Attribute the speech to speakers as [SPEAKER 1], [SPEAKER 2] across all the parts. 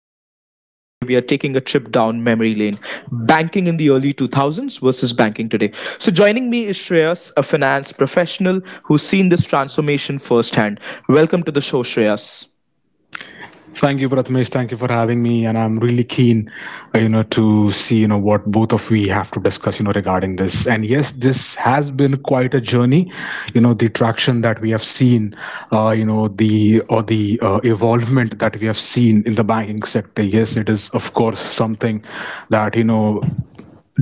[SPEAKER 1] Pratmesh, and today we are taking a trip down memory lane banking in the early 2000s versus banking today. So, joining me is Shreyas, a finance professional who's seen this transformation firsthand. Welcome to the show, Shreyas.
[SPEAKER 2] Thank you, Prathamesh. Thank you for having me, and I'm really keen, to see what both of we have to discuss, regarding this. And yes, this has been quite a journey, the traction that we have seen, the evolvement that we have seen in the banking sector. Yes, it is of course something that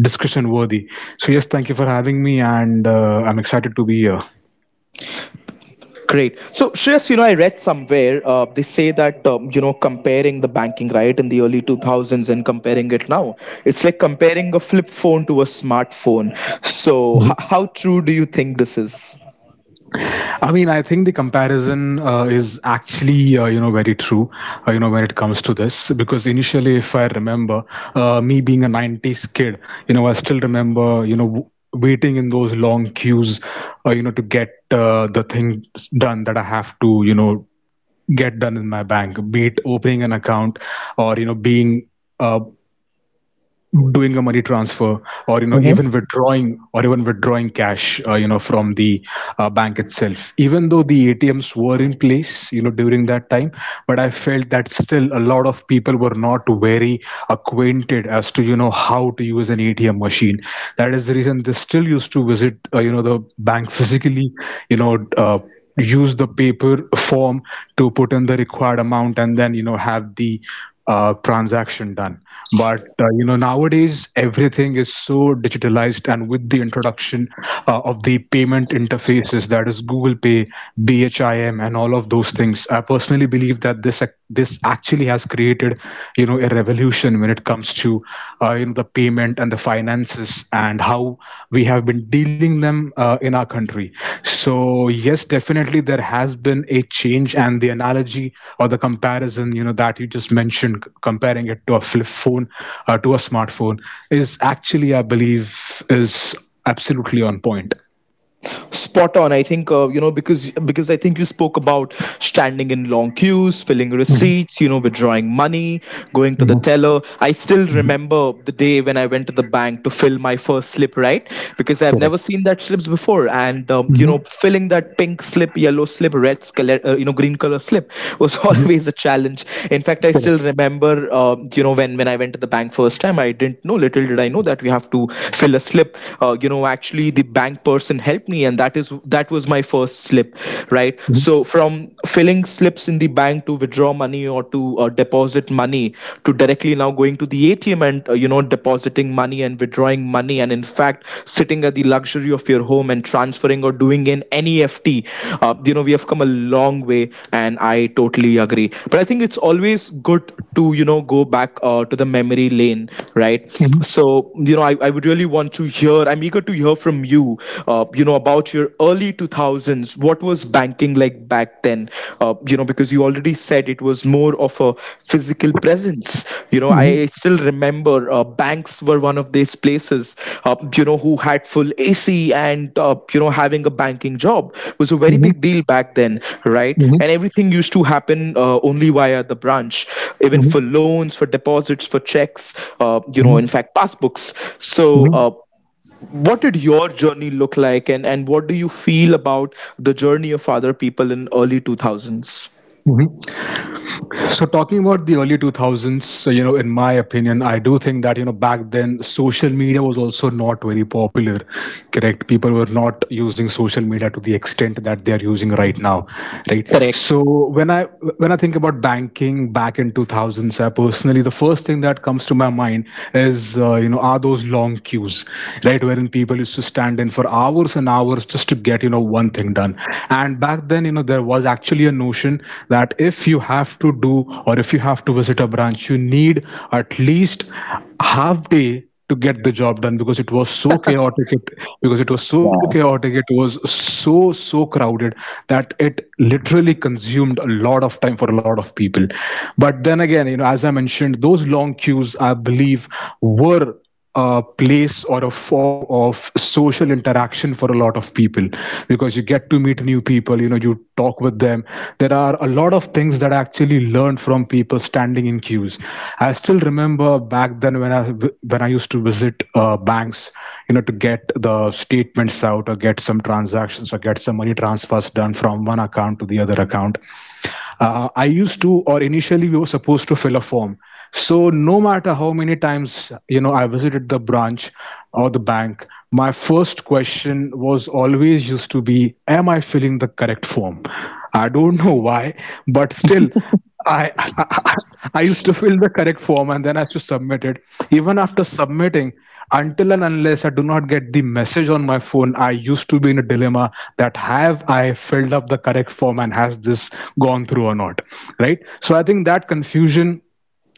[SPEAKER 2] discussion worthy. So yes, thank you for having me, and I'm excited to be here.
[SPEAKER 1] Great. So, Shreyas, I read somewhere they say that, comparing the banking right in the early 2000s and comparing it now, it's like comparing a flip phone to a smartphone. So, how true do you think this is?
[SPEAKER 2] I mean, I think the comparison is actually very true. When it comes to this, because initially, if I remember, me being a '90s kid, I still remember waiting in those long queues, to get the things done that I have to get done in my bank, be it opening an account, or you know being uh, doing a money transfer, or even withdrawing cash from the bank itself, even though the ATMs were in place during that time. But I felt that still a lot of people were not very acquainted as to how to use an ATM machine. That is the reason they still used to visit the bank physically, you know uh, use the paper form to put in the required amount, and then have the transaction done. But nowadays everything is so digitalized, and with the introduction of the payment interfaces, that is Google Pay, BHIM, and all of those things. I personally believe that this actually has created a revolution when it comes to the payment and the finances, and how we have been dealing them in our country. So yes, definitely there has been a change, and the analogy or the comparison that you just mentioned, comparing it to a flip phone to a smartphone, is actually, I believe, is absolutely on point.
[SPEAKER 1] Spot on. I think because I think you spoke about standing in long queues, filling
[SPEAKER 2] Mhm,
[SPEAKER 1] receipts, withdrawing money, going to the
[SPEAKER 2] mhm.
[SPEAKER 1] teller. I still remember the day when I went to the bank to fill my first slip, right? Because I've never
[SPEAKER 2] Correct.
[SPEAKER 1] seen that slips before, and
[SPEAKER 2] Mhm,
[SPEAKER 1] filling that pink slip, yellow slip, green color slip was
[SPEAKER 2] mhm.
[SPEAKER 1] always a challenge. In fact, I still
[SPEAKER 2] Correct.
[SPEAKER 1] remember when I went to the bank first time, I didn't know, little did I know that we have to fill a slip. Actually, the bank, that person helped me, and that was my first slip, right?
[SPEAKER 2] Mhm,
[SPEAKER 1] So from filling slips in the bank to withdraw money or to deposit money, to directly now going to the ATM and depositing money and withdrawing money, and in fact sitting at the luxury of your home and transferring or doing an NEFT, we have come a long way. And I totally agree, but I think it's always good to go back to the memory lane, right?
[SPEAKER 2] mhm,
[SPEAKER 1] So I would really want to hear, I'm eager to hear from you you know about your early 2000s. What was banking like back then? Because you already said it was more of a physical presence. I
[SPEAKER 2] mhm,
[SPEAKER 1] still remember, or banks were one of these places who had full AC, and having a banking job was a very
[SPEAKER 2] mhm,
[SPEAKER 1] big deal back then, right?
[SPEAKER 2] mhm,
[SPEAKER 1] And everything used to happen only via the branch, even for
[SPEAKER 2] mhm,
[SPEAKER 1] loans, for deposits, for checks, in
[SPEAKER 2] mhm,
[SPEAKER 1] fact passbooks. So
[SPEAKER 2] mhm,
[SPEAKER 1] uh, what did your journey look like, and what do you feel about the journey of other people in early 2000s?
[SPEAKER 2] mhm. So talking about the early 2000s, so, in my opinion, I do think that back then social media was also not very popular, correct? People were not using social media to the extent that they are using right now, right?
[SPEAKER 1] Correct.
[SPEAKER 2] So when I think about banking back in 2000s, I personally the first thing that comes to my mind is, are those long queues, right? Wherein people used to stand in for hours and hours just to get one thing done. And back then, there was actually a notion that if you have to do, or if you have to visit a branch, you need at least half day to get the job done, because it was so chaotic it, because it was so chaotic, it was so crowded that it literally consumed a lot of time for a lot of people. But then again, as I mentioned, those long queues I believe were a place or a form of social interaction for a lot of people, because you get to meet new people, you talk with them. There are a lot of things that I actually learned from people standing in queues. I still remember back then when I when I used to visit banks to get the statements out, or get some transactions, or get some money transfers done from one account to the other account. Uh, i used to or initially we were supposed to fill a form. So no matter how many times I visited the branch or the bank, my first question was always used to be, am I filling the correct form. I don't know why, but still I, I I used to fill the correct form, and then I used to submit it. Even after submitting, until and unless I do not get the message on my phone, I used to be in a dilemma that, have I filled up the correct form, and has this gone through or not, right? So I think that confusion,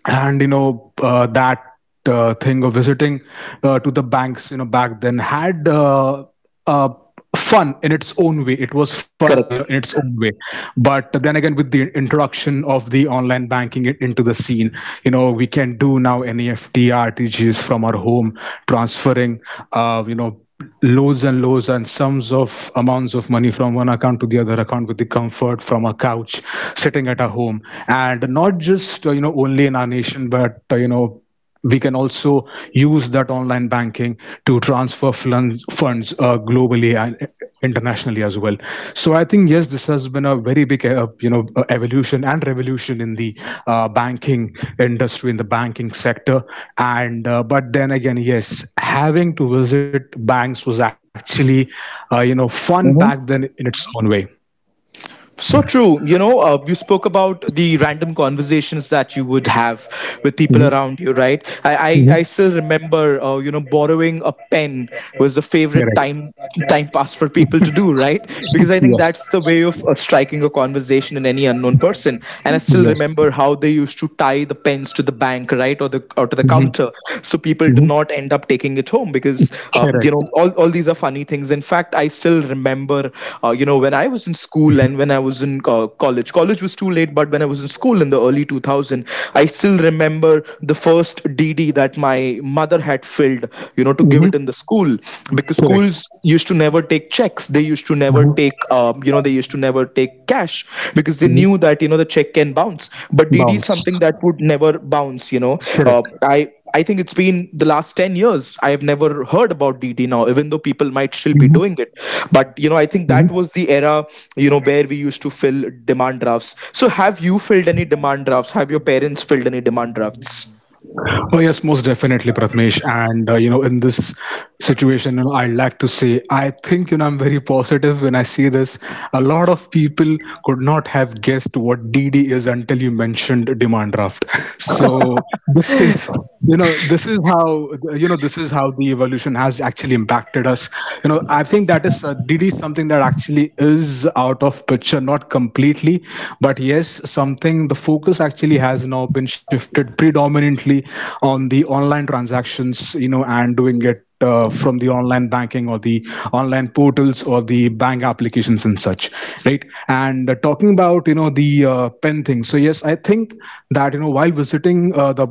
[SPEAKER 2] and that thing of visiting to the banks, back then, had uh, fun in its own way. It was fun, in
[SPEAKER 1] Correct.
[SPEAKER 2] its own way. But then again, with the introduction of the online banking into the scene, we can do now NEFT, RTGS from our home, transferring uh, you know loads and loads and sums of amounts of money from one account to the other account with the comfort from a couch, sitting at our home. And not just only in our nation, but we can also use that online banking to transfer funds globally and internationally as well. So I think, yes, this has been a very big evolution and revolution in the banking industry, in the banking sector. And but then again, yes, having to visit banks was actually fun back then, in its own way.
[SPEAKER 1] So true. You know, you spoke about the random conversations that you would have with people around you, right?
[SPEAKER 2] Hmm.
[SPEAKER 1] I still remember, borrowing a pen was the favorite
[SPEAKER 2] Correct.
[SPEAKER 1] time pass for people to do, right? Because I think that's the
[SPEAKER 2] Yes.
[SPEAKER 1] way of striking a conversation in any unknown person. And I still
[SPEAKER 2] Yes.
[SPEAKER 1] remember how they used to tie the pens to the bank, right, or the or to the
[SPEAKER 2] Hmm.
[SPEAKER 1] counter, so people do
[SPEAKER 2] Hmm.
[SPEAKER 1] not end up taking it home. Because
[SPEAKER 2] Correct.
[SPEAKER 1] all these are funny things. In fact, I still remember when I was in school, and when I was in college was too late, but when I was in school in the early 2000, I still remember the first DD that my mother had filled, you know, to give
[SPEAKER 2] Hmm.
[SPEAKER 1] it in the school. Because
[SPEAKER 2] Correct.
[SPEAKER 1] schools used to never take checks, they used to never take
[SPEAKER 2] Hmm.
[SPEAKER 1] they used to never take cash. Because they
[SPEAKER 2] Hmm.
[SPEAKER 1] knew that you know the check can bounce, but DD is something
[SPEAKER 2] Bounce.
[SPEAKER 1] that would never bounce, you know. uh,
[SPEAKER 2] Correct.
[SPEAKER 1] i I think it's been the last 10 years. I have never heard about DD now, even though people
[SPEAKER 2] Hmm.
[SPEAKER 1] might still be doing it. But, you know, I think that was the era, you know, where we used to fill demand drafts. So, have you filled any demand drafts? Have your parents filled any demand drafts?
[SPEAKER 2] Oh yes, most definitely, Pratmesh. And in this situation, I'd like to say, I think I'm very positive when I see this. A lot of people could not have guessed what DD is until you mentioned demand draft. So this is you know this is how you know this is how the evolution has actually impacted us. You know, I think that is DD is something that actually is out of picture, not completely, but yes, something the focus actually has now been shifted predominantly on the online transactions, and doing it from the online banking, or the online portals, or the bank applications and such, right. And talking about the pen thing, so yes, I think that while visiting uh, the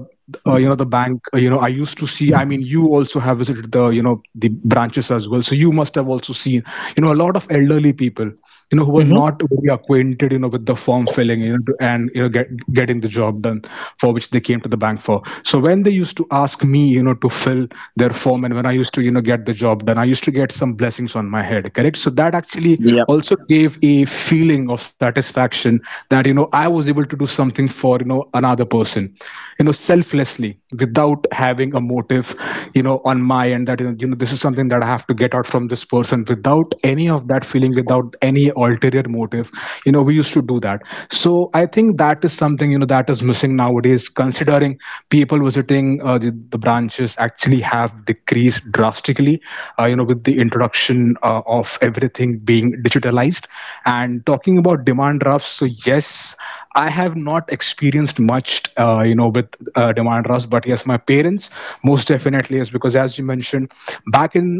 [SPEAKER 2] uh, you know the bank, I used to see, I mean, you also have visited the you know the branches as well, so you must have also seen a lot of elderly people who were
[SPEAKER 1] Mm-hmm.
[SPEAKER 2] not very acquainted with the form filling , and getting the job done for which they came to the bank for. So when they used to ask me to fill their form, and when I used to get the job done, I used to get some blessings on my head, correct. So that actually
[SPEAKER 1] Yeah,
[SPEAKER 2] also gave a feeling of satisfaction that I was able to do something for another person, selflessly, without having a motive, on my end, that this is something that I have to get out from this person, without any of that feeling, without any ulterior motive. We used to do that. So I think that is something, that is missing nowadays, considering people visiting the branches actually have decreased drastically, with the introduction of everything being digitalized. And talking about demand drafts, so yes, I have not experienced much, with demand drafts, but yes, my parents most definitely is, because as you mentioned, back in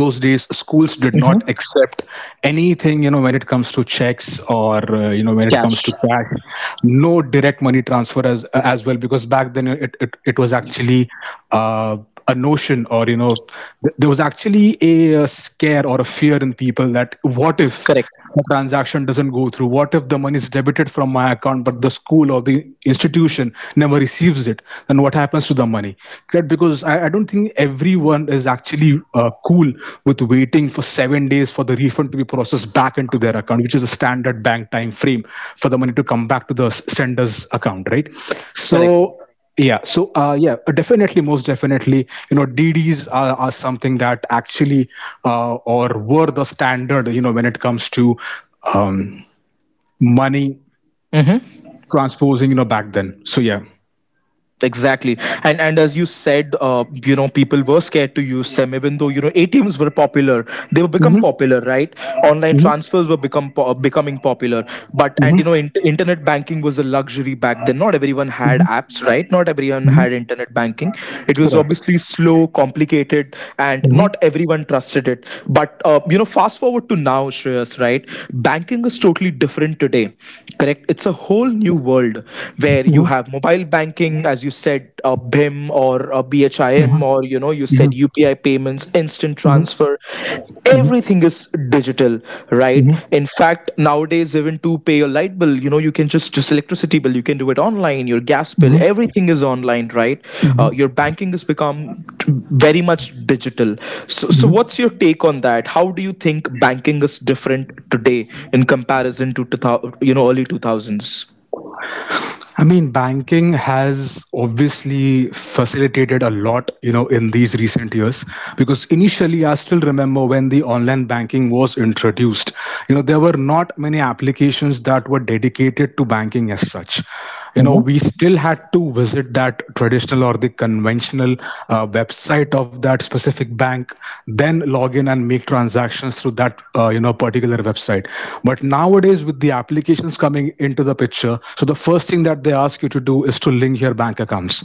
[SPEAKER 2] those days schools did not accept anything, when it comes to checks, or when it comes
[SPEAKER 1] cash.
[SPEAKER 2] to cash, no direct money transfer as well. Because back then, it was actually uh, a notion, or there was actually a scare, or a fear, in people, that what if
[SPEAKER 1] Correct,
[SPEAKER 2] the transaction doesn't go through, what if the money is debited from my account, but the school or the institution never receives it, then what happens to the money, right? Because I don't think everyone is actually cool with waiting for 7 days for the refund to be processed back into their account, which is a standard bank time frame for the money to come back to the sender's account, right. So yeah, yeah, definitely, most definitely, DDs are something that actually or were the standard, when it comes to um, money
[SPEAKER 1] correct.
[SPEAKER 2] transposing, back then, so yeah.
[SPEAKER 1] Exactly, and as you said, people were scared to use SEM, even though you know ATMs were popular. They were become
[SPEAKER 2] Mm-hmm.
[SPEAKER 1] popular, right? Online
[SPEAKER 2] Mm-hmm.
[SPEAKER 1] transfers were becoming popular, but and
[SPEAKER 2] Mm-hmm.
[SPEAKER 1] you know, internet banking was a luxury back then. Not everyone had
[SPEAKER 2] Mm-hmm.
[SPEAKER 1] apps, right? Not everyone
[SPEAKER 2] Mm-hmm.
[SPEAKER 1] had internet banking. It was
[SPEAKER 2] Correct.
[SPEAKER 1] obviously slow, complicated, and not
[SPEAKER 2] Mm-hmm.
[SPEAKER 1] everyone trusted it. But fast forward to now, Shreyas, right? Banking is totally different today, correct? It's a whole new world, where you
[SPEAKER 2] Mm-hmm.
[SPEAKER 1] have mobile banking. As you said, bim or BHIM,
[SPEAKER 2] Mm-hmm.
[SPEAKER 1] or you know you said UPI payments, instant
[SPEAKER 2] Mm-hmm.
[SPEAKER 1] transfer,
[SPEAKER 2] Mm-hmm.
[SPEAKER 1] everything is digital, right?
[SPEAKER 2] Mm-hmm.
[SPEAKER 1] In fact, nowadays, even to pay your light bill, you know, you can just electricity bill, you can do it online, your gas bill,
[SPEAKER 2] Mm-hmm.
[SPEAKER 1] everything is online, right? Your banking has become very much digital. So so
[SPEAKER 2] Mm-hmm.
[SPEAKER 1] what's your take on that? How do you think banking is different today in comparison to 2000, you know, early
[SPEAKER 2] I mean, banking has obviously facilitated a lot, in these recent years. Because initially, I still remember when the online banking was introduced, you know, there were not many applications that were dedicated to banking as such. You know,
[SPEAKER 1] 2000s?
[SPEAKER 2] we still had to visit that traditional or the conventional website of that specific bank, then log in and make transactions through that you know particular website. But nowadays with the applications coming into the picture, so the first thing that they ask you to do is to link your bank accounts,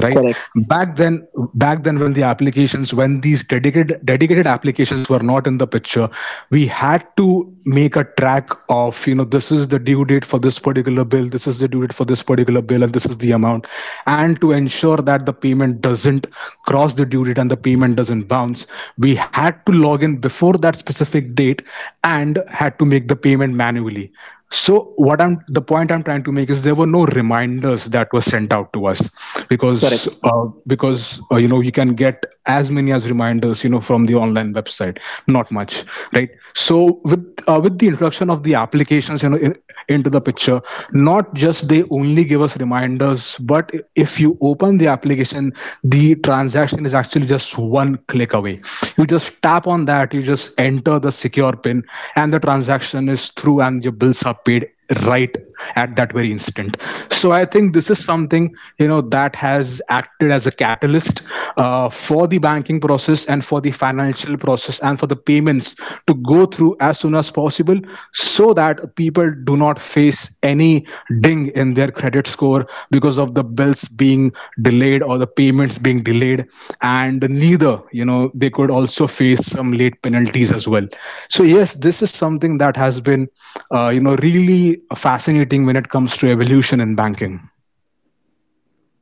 [SPEAKER 2] right? Back then, when the applications, when these dedicated applications were not in the picture, we had to make a track of, you know, this is the due date for this particular bill, this is the due date for this particular bill, and this is the amount. And to ensure that the payment doesn't cross the due date and the payment doesn't bounce, we had to log in before that specific date and had to make the payment manually. So what I'm, the point I'm trying to make is there were no reminders that were sent out to us, because
[SPEAKER 1] Correct.
[SPEAKER 2] you know, you can get as many as reminders, you know, from the online website. Not much, right? So with the introduction of the applications, you know, education in, into the picture, not just they only give us reminders, but if you open the application, the transaction is actually just one click away. You just tap on that, you just enter the secure pin, and the transaction is through and your bills are paid, right, at that very instant. So I think this is something, you know, that has acted as a catalyst for the banking process and for the financial process and for the payments to go through as soon as possible, so that people do not face any ding in their credit score because of the bills being delayed or the payments being delayed. And neither, you know, they could also face some late penalties as well. So yes, this is something that has been you know, really fascinating when it comes to evolution in banking.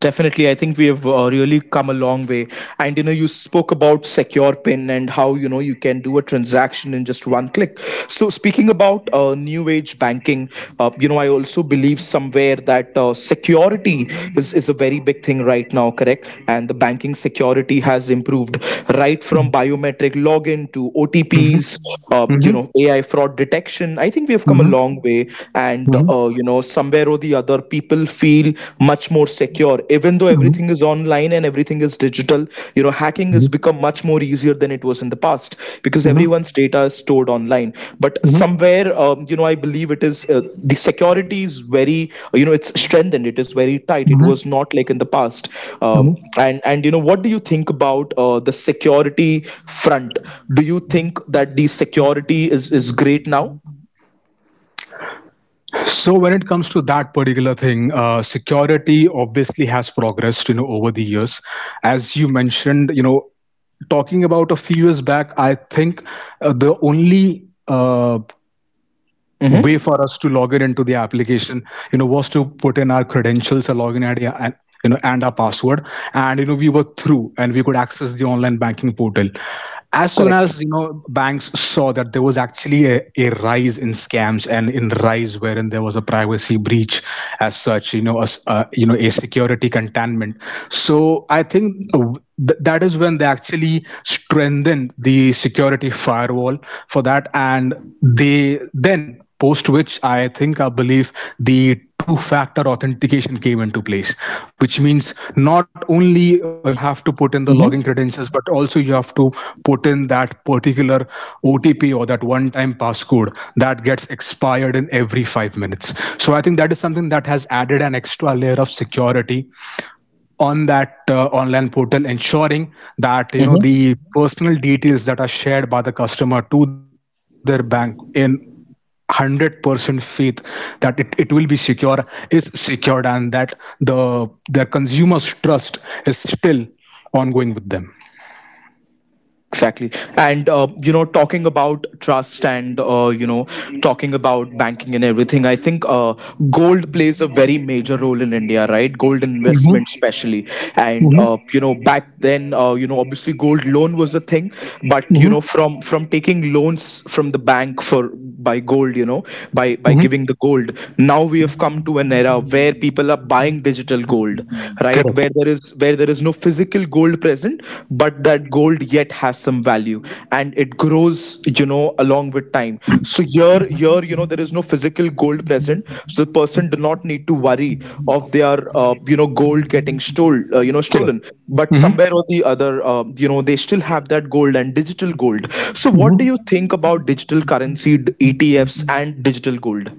[SPEAKER 1] Definitely, I think we have really come a long way. And you know, you spoke about secure pin and how you know you can do a transaction in just one click. So, speaking about new age banking, I also believe somewhere that security is a very big thing right now. Correct, and the banking security has improved right from biometric login to
[SPEAKER 2] Mhm,
[SPEAKER 1] OTPs,
[SPEAKER 2] mhm,
[SPEAKER 1] AI fraud detection. I think we have come a
[SPEAKER 2] mhm,
[SPEAKER 1] long way, and
[SPEAKER 2] mhm,
[SPEAKER 1] somewhere or the other, people feel much more secure. Even though
[SPEAKER 2] mhm,
[SPEAKER 1] everything is online and everything is digital, you know, hacking has
[SPEAKER 2] mhm,
[SPEAKER 1] become much more easier than it was in the past, because
[SPEAKER 2] mhm,
[SPEAKER 1] everyone's data is stored online. But
[SPEAKER 2] mhm,
[SPEAKER 1] somewhere, I believe it.
[SPEAKER 2] mhm, mhm. So when it comes to that particular thing, security obviously has progressed, you know, over the years. As you mentioned, you know, talking about a few years back, I think the only way for us to log in into the application, you know, was to put in our credentials, a login id and, you know, and our password, and you know, we were through and we could access the online banking portal. As soon as, you know, banks saw that there was actually a rise in scams and in rise wherein there was a privacy breach as such, you know, as you know, a security containment, so I think that is when they actually strengthened the security firewall for that, and they then, post which I think I believe, the two factor authentication came into place, which means not only you have to put in the login
[SPEAKER 1] Hmm.
[SPEAKER 2] credentials, but also you have to put in that particular OTP or that one time passcode that gets expired in every 5 minutes. So I think that is something that has added an extra layer of security on that online portal, ensuring that, you know,
[SPEAKER 1] Hmm.
[SPEAKER 2] the personal details that are shared by the customer to their bank in 100% faith that it will be secure, is secured, and that the, their consumers' trust is still ongoing with them.
[SPEAKER 1] Exactly. And, talking about trust, and, talking about banking and everything, I think gold plays a major role in India, right? Gold
[SPEAKER 2] Mm-hmm.
[SPEAKER 1] investment, especially. And,
[SPEAKER 2] Mm-hmm.
[SPEAKER 1] back thing by
[SPEAKER 2] Mm-hmm.
[SPEAKER 1] loans for by gold, you know, by
[SPEAKER 2] Mm-hmm.
[SPEAKER 1] giving the gold. Now we have come to an era where digital gold, right,
[SPEAKER 2] Correct.
[SPEAKER 1] where there is no physical gold present, but that gold yet has some value, and it grows, you know, along with time. So here, you know, there is no physical gold present, so the person do not need to worry of their gold getting stolen. But
[SPEAKER 2] Correct.
[SPEAKER 1] somewhere or the other, they still have that gold and digital gold. So what do you
[SPEAKER 2] Hmm.
[SPEAKER 1] think about digital currency, ETFs, and digital gold?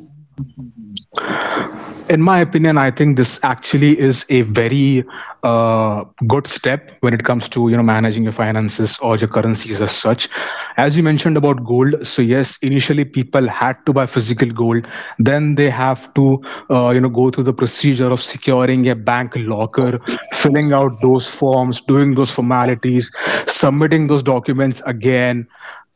[SPEAKER 2] In my opinion, I think this actually is a very uh, good step when it comes to, you know, managing your finances or your currencies as such. As you mentioned about gold, so yes, initially people had to buy physical gold, then they have to you know, go through the procedure of securing a bank locker, filling out those forms, doing those formalities, submitting those documents again,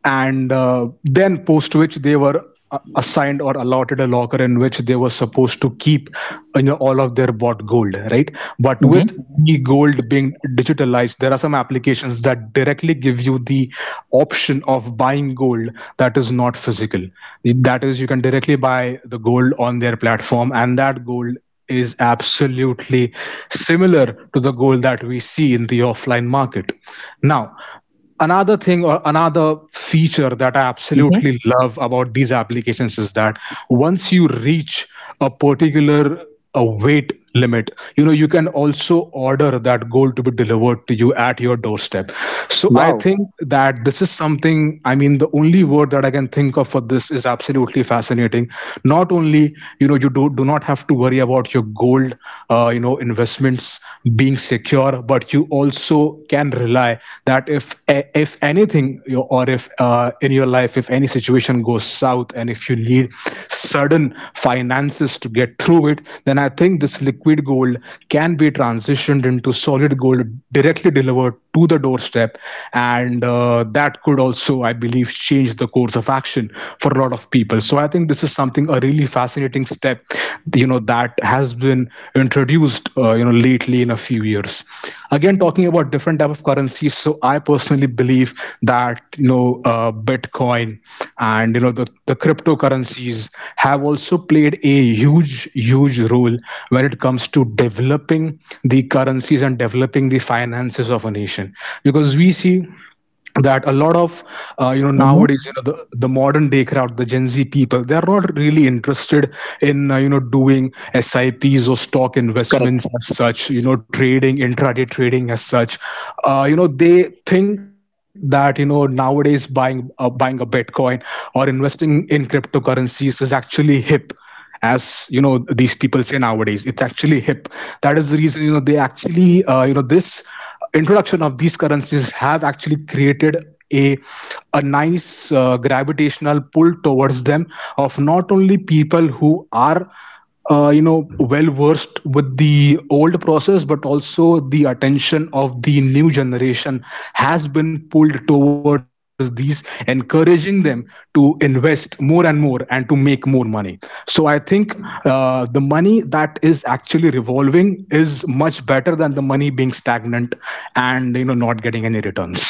[SPEAKER 2] and then post which they were assigned or allotted a locker in which they were supposed to keep, you know, all of their bought gold, right? But with
[SPEAKER 1] Mm-hmm.
[SPEAKER 2] the gold being digitalized, there are some applications that directly give you the option of buying gold that is not physical, that is, you can directly buy the gold on their platform, and that gold is absolutely similar to the gold that we see in the offline market. Now, another thing or another feature that I
[SPEAKER 1] Mm-hmm.
[SPEAKER 2] absolutely love about these applications is that once you reach a particular, a weight limit, you know, you can also order that goal to be delivered to you at your doorstep. So I
[SPEAKER 1] Wow.
[SPEAKER 2] think that this is something, I mean, the only word that I can think of for this is absolutely fascinating. Not only, you know, you do not have to worry about your gold know investments being secure, but you also can rely that if anything, you know, or if in your life, if any situation goes south and if you need sudden finances to get through it, then I think this liquid gold can be transitioned into solid gold, directly delivered to the doorstep. And that could also, I believe, change the course of action for a lot of people. So I think this is something, a really fascinating step, you know, that has been introduced you know, lately in a few years. Again, talking about different type of currencies, so I personally believe that, you know, bitcoin and, you know, the cryptocurrencies have also played a huge role when it comes to developing the currencies and developing the finances of a nation. Because we see that a lot of you know,
[SPEAKER 1] Mm-hmm.
[SPEAKER 2] nowadays, you know, the modern day crowd, the gen z people, they are not really interested in you know, doing sips or stock investments
[SPEAKER 1] Correct.
[SPEAKER 2] as such, you know, trading, intraday trading as such. You know, they think that, you know, nowadays buying buying a bitcoin or investing in cryptocurrencies is actually hip, as you know, these people say nowadays it's actually hip. That is the reason, you know, they actually you know, this introduction of these currencies have actually created a a nice gravitational pull towards them, of not only people who are you know, well versed with the old process, but also the attention of the new generation has been pulled towards these, encouraging them to invest more and more and to make more money. So I think the money that is actually revolving is much better than the money being stagnant and, you know, not getting any returns.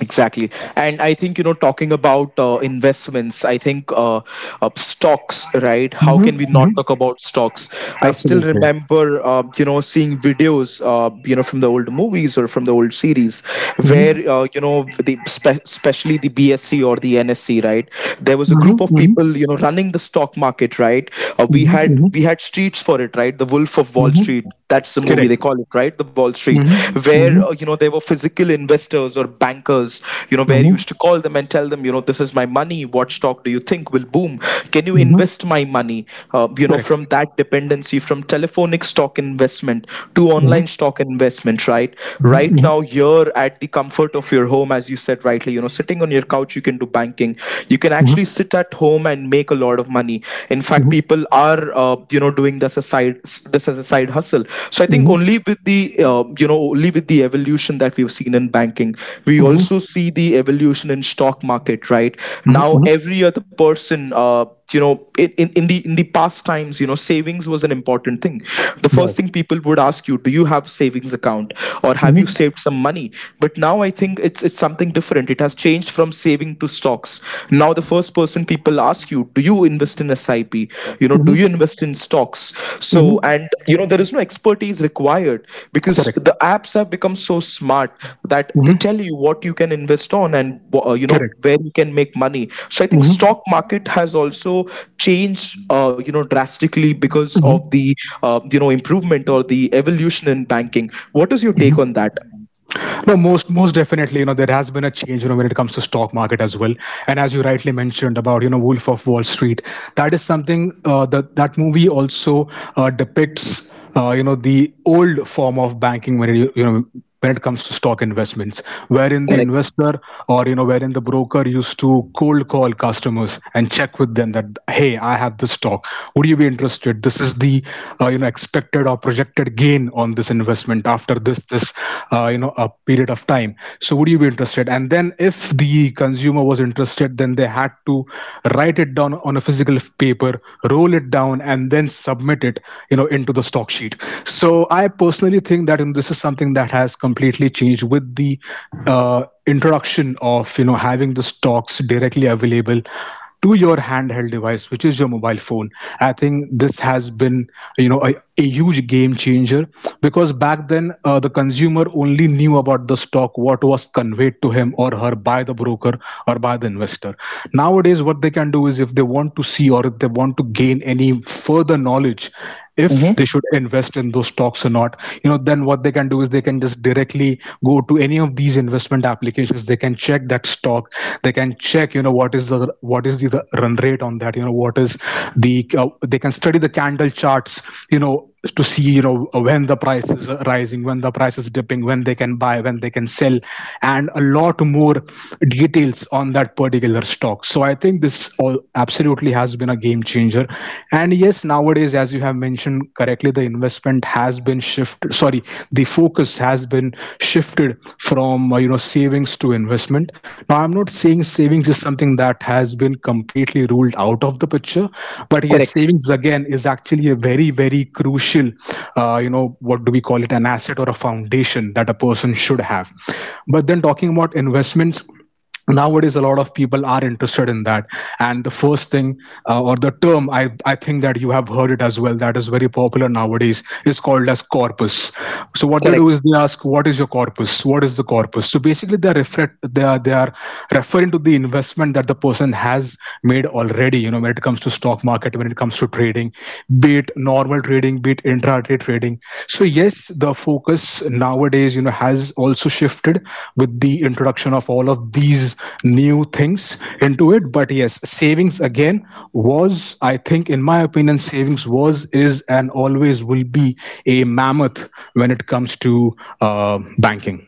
[SPEAKER 1] Exactly. And I think, you know, talking about investments, I think stocks, right? How
[SPEAKER 2] Mm-hmm,
[SPEAKER 1] can we not
[SPEAKER 2] mm-hmm.
[SPEAKER 1] talk about stocks? I still
[SPEAKER 2] Absolutely.
[SPEAKER 1] remember, seeing videos, from the old movies or from the old series where, the especially the BSC or the NSC, right? There
[SPEAKER 2] Mm-hmm,
[SPEAKER 1] was a group
[SPEAKER 2] mm-hmm,
[SPEAKER 1] of people, you know, running the stock market, right?
[SPEAKER 2] mm-hmm, mm-hmm,
[SPEAKER 1] We had streets for it, right? The Wolf of Wall
[SPEAKER 2] mm-hmm.
[SPEAKER 1] Street, that's the
[SPEAKER 2] Correct.
[SPEAKER 1] movie. They call it right? The Wall Street,
[SPEAKER 2] Mm-hmm, mm-hmm,
[SPEAKER 1] where there were physical investors or bankers, you know, where
[SPEAKER 2] mm-hmm,
[SPEAKER 1] you used to call them and tell them, you know, this is my money, what stock do you think will boom, can you
[SPEAKER 2] mm-hmm.
[SPEAKER 1] invest my money?
[SPEAKER 2] Correct.
[SPEAKER 1] From that dependency, from telephonic stock investment to online stock investment, right? Right
[SPEAKER 2] Correct.
[SPEAKER 1] now, you're at the comfort of your home. As you said rightly, you know, sitting on your couch, you can do banking, you can actually sit at home and make a lot of money. In fact, people are doing this as a side hustle. So I think only with the only with the evolution that we've seen in banking, we also see the evolution in stock market, right? Now every other person, you know in the past times, you know, savings was an important thing. The first thing people would ask you, do you have savings account, or have you saved some money? But now I think it's something different. It has changed from saving to stocks. Now the first person people ask you, do you invest in SIP? You know, do you invest in stocks? So, and you know, there is no expertise required, because the apps have become so smart that they tell you what you can invest on, and
[SPEAKER 2] Correcto.
[SPEAKER 1] where you can make money. So I think stock market has also changed, drastically, because of the improvement or the evolution in banking. What is your take on that?
[SPEAKER 2] No, most definitely, you know, there has been a change, you know, when it comes to stock market as well. And as you rightly mentioned about, you know, Wolf of Wall Street, that is something that that movie also depicts, you know, the old form of banking when it, you know, when it comes to stock investments, wherein the
[SPEAKER 1] Correct.
[SPEAKER 2] investor or, you know, wherein the broker used to cold call customers and check with them that, hey, I have this stock, would you be interested? This is the you know, expected or projected gain on this investment after this you know, a period of time. So would you be interested? And then if the consumer was interested, then they had to write it down on a physical paper, roll it down, and then submit it, you know, into the stock sheet. So I personally think that, you know, this is something that has completely changed with the uh, introduction of, you know, having the stocks directly available to your handheld device, which is your mobile phone. I think this has been, you know, a huge game changer, because back then, the consumer only knew about the stock what was conveyed to him or her by the broker or by the investor. Nowadays, what they can do is if they want to see or if they want to gain any further knowledge, if
[SPEAKER 1] Mhm.
[SPEAKER 2] they should invest in those stocks or not, you know, then what they can do is they can just directly go to any of these investment applications, they can check that stock, they can check, you know, what is the, what is the run rate on that, you know, what is the they can study the candle charts, you know, to see, you know, when the price is rising, when the price is dipping, when they can buy, when they can sell, and a lot more details on that particular stock. So I think this all absolutely has been a game changer. And yes, nowadays, as you have mentioned correctly, the investment has been shifted. Sorry, the focus has been shifted from you know savings to investment. Now, I'm not saying savings is something that has been completely ruled out of the picture, but yes,
[SPEAKER 1] Correct.
[SPEAKER 2] savings again is actually a very very crucial, you know, what do we call it, an asset or a foundation that a person should have. But then talking about investments nowadays a lot of people are interested in that, and the first thing, or the term I think that you have heard it as well that is very popular nowadays is called as corpus. So what they do
[SPEAKER 1] Correct.
[SPEAKER 2] is they ask what is your corpus, what is the corpus. So basically they are they are referring to the investment that the person has made already, you know, when it comes to stock market, when it comes to trading, be it normal trading, be it intraday trading. So yes, the focus nowadays, you know, has also shifted with the introduction of all of these new things into it, but yes, savings again was, I think in my opinion, savings was, is, and always will be a mammoth when it comes to banking.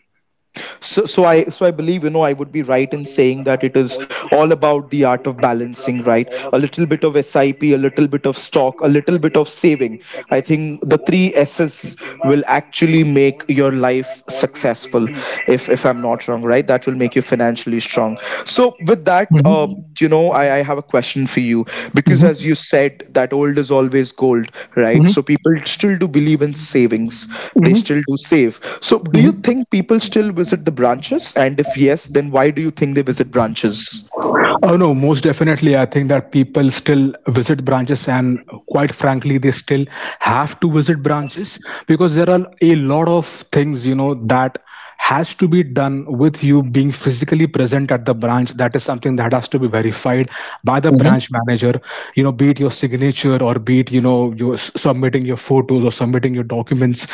[SPEAKER 1] So I believe, I would be right in saying that it is all about the art of balancing, right? A little bit of sip, a little bit of stock, a little bit of saving. I think the three s's will actually make your life successful, if I'm not wrong, right? That will make you financially strong. So with that,
[SPEAKER 2] Mm-hmm.
[SPEAKER 1] I have a question for you, because as you
[SPEAKER 2] Hmm.
[SPEAKER 1] said, that old is always gold, right? So people still do believe in savings. They
[SPEAKER 2] Hmm.
[SPEAKER 1] still do save. So do you
[SPEAKER 2] Hmm.
[SPEAKER 1] think people still visit the branches? And if yes, then why do you think they visit branches?
[SPEAKER 2] Oh no, most definitely. I think that people still visit branches, and quite frankly, they still have to visit branches because there are a lot of things, you know, that has to be done with you being physically present at the branch. That is something that has to be verified by the
[SPEAKER 1] Mm-hmm,
[SPEAKER 2] branch manager. You know, be it your signature or be it, you know, you submitting your photos or submitting your documents.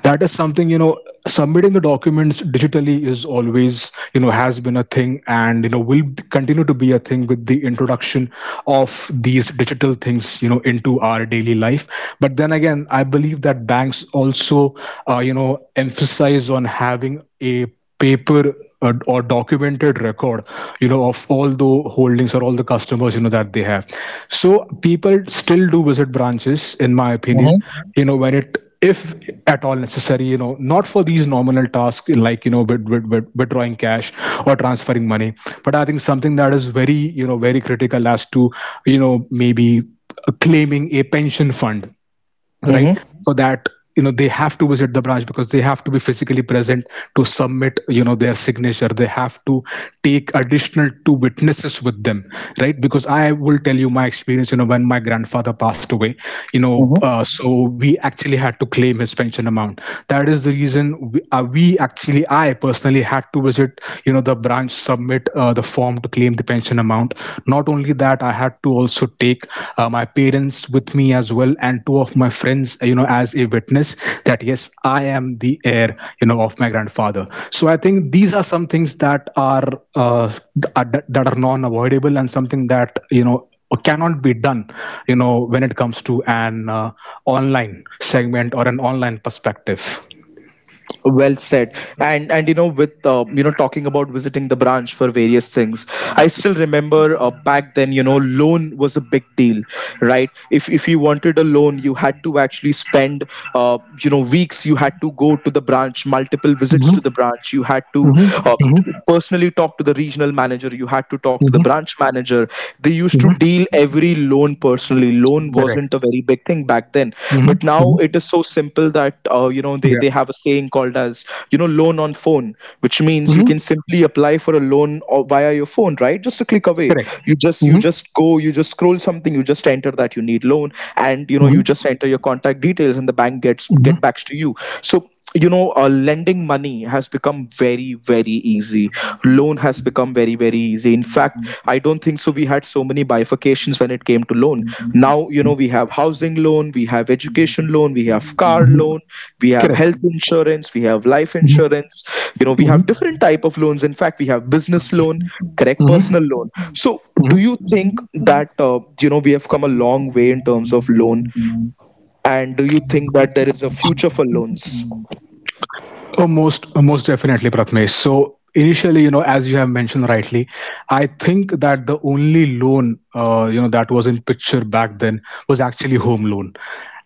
[SPEAKER 2] That is something, you know, submitting the documents digitally is always, you know, has been a thing, and you know will continue to be a thing with the introduction of these digital things, you know, into our daily life. But then again, I believe that banks also, you know, emphasize on having a paper, or documented record, you know, of all the holdings or all the customers, you know, that they have. So people still do visit branches in my opinion, you know, when it, if at all necessary, you know, not for these nominal tasks like, you know, with withdrawing cash or transferring money, but I think something that is very, you know, very critical as to, you know, maybe, claiming a pension fund, right,
[SPEAKER 1] mm-hmm,
[SPEAKER 2] for that, you know, they have to visit the branch because they have to be physically present to submit, you know, their signature. They have to take additional two witnesses with them, right. Because I will tell you my experience, you know, when my grandfather passed away, you know,
[SPEAKER 1] hmm.
[SPEAKER 2] so we actually had to claim his pension amount. That is the reason we actually, I personally had to visit, you know, the branch, submit the form to claim the pension amount. Not only that, I had to also take my parents with me as well and two of my friends, you know, as a witness, that yes, I am the heir, you know, of my grandfather. So I think these are some things that are, uh, that are non avoidable and something that, you know, cannot be done, you know, when it comes to an online segment or an online perspective.
[SPEAKER 1] Well said. And with talking about visiting the branch for various things, I still remember, back then, loan was a big deal. Right? If you wanted a loan, you had to actually spend uh, weeks. You had to go to the branch, multiple visits to the
[SPEAKER 2] Mm-hmm.
[SPEAKER 1] branch. You had to uh,
[SPEAKER 2] Mm-hmm.
[SPEAKER 1] personally talk to the regional manager, you had to talk to the
[SPEAKER 2] Mm-hmm.
[SPEAKER 1] branch manager. They used to
[SPEAKER 2] Mm-hmm.
[SPEAKER 1] deal every loan personally. Loan wasn't a
[SPEAKER 2] Correct.
[SPEAKER 1] very big thing back then.
[SPEAKER 2] Mm-hmm.
[SPEAKER 1] But now
[SPEAKER 2] Mm-hmm.
[SPEAKER 1] it is so simple that they,
[SPEAKER 2] Yeah.
[SPEAKER 1] they have a saying called as, "loan on phone," which means you
[SPEAKER 2] Mm-hmm.
[SPEAKER 1] can simply apply for a loan or via your phone, right? Just a click away.
[SPEAKER 2] Correct.
[SPEAKER 1] you just you
[SPEAKER 2] Hmm.
[SPEAKER 1] just go, you just scroll something, you just enter that you need loan, and you
[SPEAKER 2] Hmm.
[SPEAKER 1] just enter your contact details and the bank gets
[SPEAKER 2] Hmm.
[SPEAKER 1] get backs to you. So, lending money has become very very easy. Loan has become very very easy. In fact, I don't think so we had so many bifurcations when it came to loan. Now, we have housing loan, we have education loan, we have car
[SPEAKER 2] Hmm.
[SPEAKER 1] loan, we have health
[SPEAKER 2] Correct.
[SPEAKER 1] insurance, we have life
[SPEAKER 2] Hmm.
[SPEAKER 1] insurance, we
[SPEAKER 2] Hmm. Hmm.
[SPEAKER 1] have different type of loans. In fact, we have business loan, correct, personal loan. So do
[SPEAKER 2] Hmm.
[SPEAKER 1] you think that we have come a long way in terms of loan, and do you think that there is a future for loans?
[SPEAKER 2] Oh, most definitely, Pratmesh. So initially, you know, as you have mentioned rightly, I think that the only loan, you know, that was in picture back then was actually home loan,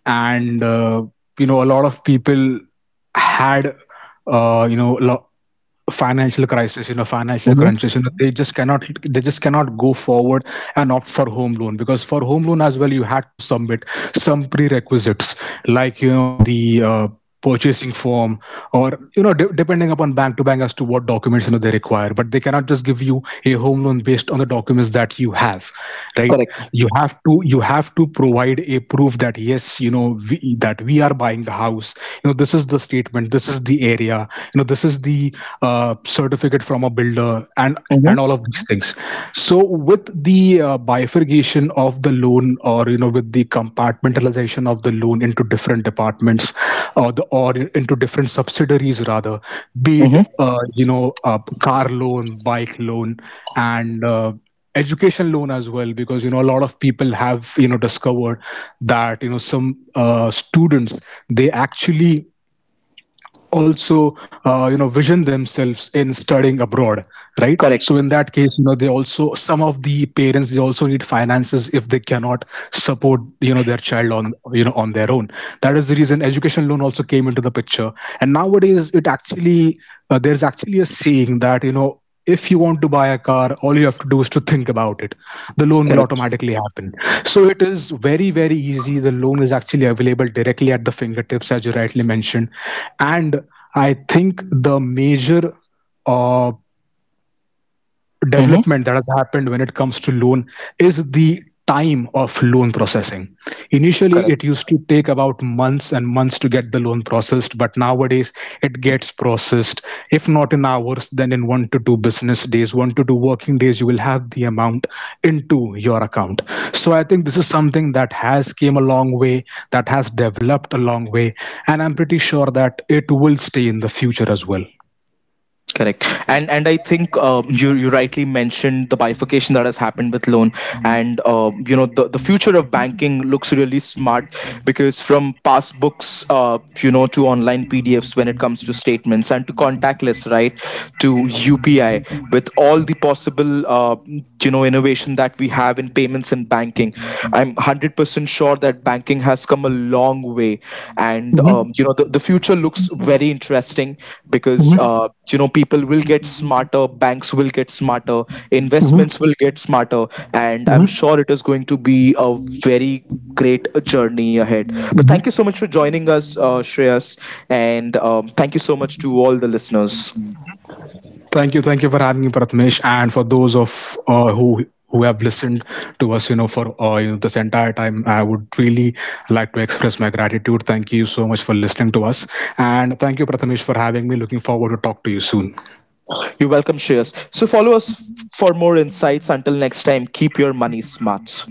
[SPEAKER 2] and you know, a lot of people had, you know, a lot. Financial crisis, you know, financial
[SPEAKER 1] Mhm.
[SPEAKER 2] crunches, you know, they just cannot, they just cannot go forward and opt for home loan, because for home loan as well you had to submit some prerequisites like, you know, the, purchasing form, or you know, depending upon bank to bank as to what documents, you know, they require. But they cannot just give you a home loan based on the documents that you have, right. You have to, you have to provide a proof that yes, you know, we, that we are buying the house, you know, this is the statement, this is the area, you know, this is the, certificate from a builder, and
[SPEAKER 1] Mm-hmm.
[SPEAKER 2] all of these things. So with the bifurcation of the loan, or you know, with the compartmentalization of the loan into different departments, or the or into different subsidiaries rather, be
[SPEAKER 1] Mm-hmm.
[SPEAKER 2] it you know, car loan, bike loan, and education loan as well, because you know a lot of people have, you know, discovered that, you know, some students, they actually also, you know, vision themselves in studying abroad, right. So in that
[SPEAKER 1] Correct.
[SPEAKER 2] case, you know, they also, some of the parents, they also need finances if they cannot support, you know, their child on, you know, on their own. That is the reason education loan also came into the picture. And nowadays it actually, there's actually a saying that, you know, if you want to buy a car, all you have to do is to think about it, the loan will
[SPEAKER 1] Correct.
[SPEAKER 2] automatically happen. So it is very very easy, the loan is actually available directly at the fingertips, as you rightly mentioned. And I think the major, uh,
[SPEAKER 1] Mm-hmm.
[SPEAKER 2] development that has happened when it comes to loan is the time of loan processing. Initially it
[SPEAKER 1] Correct.
[SPEAKER 2] used to take about months and months to get the loan processed, but nowadays it gets processed, if not in hours, then in one to two business days, one to two working days you will have the amount into your account. So I think this is something that has came a long way, that has developed a long way, and I'm pretty sure that it will stay in the future as well.
[SPEAKER 1] Correct. And I think, you rightly mentioned the bifurcation that has happened with loan, and the future of banking looks really smart, because from passbooks, to online PDFs when it comes to statements, and to contactless, right, to UPI with all the possible innovation that we have in payments and banking, I'm 100% sure that banking has come a long way, and
[SPEAKER 2] Mhm.
[SPEAKER 1] the future looks very interesting, because
[SPEAKER 2] Mhm.
[SPEAKER 1] people will get smarter, banks will get smarter,
[SPEAKER 2] Mhm.
[SPEAKER 1] investments will get smarter, and I'm
[SPEAKER 2] Mhm.
[SPEAKER 1] sure it is going to be a very great journey ahead. But thank
[SPEAKER 2] Mhm.
[SPEAKER 1] you so much for joining us, Shreyas, and thank you so much to all the listeners.
[SPEAKER 2] Thank you for having me, Prathamesh, and for those of who have listened to us, you know, for you know, this entire time. I would really like to express my gratitude. Thank you so much for listening to us, and thank you, Prathamesh, for having me. Looking forward to talk to you soon.
[SPEAKER 1] You're welcome, Shreyas. So follow us for more insights. Until next time, keep your money smart.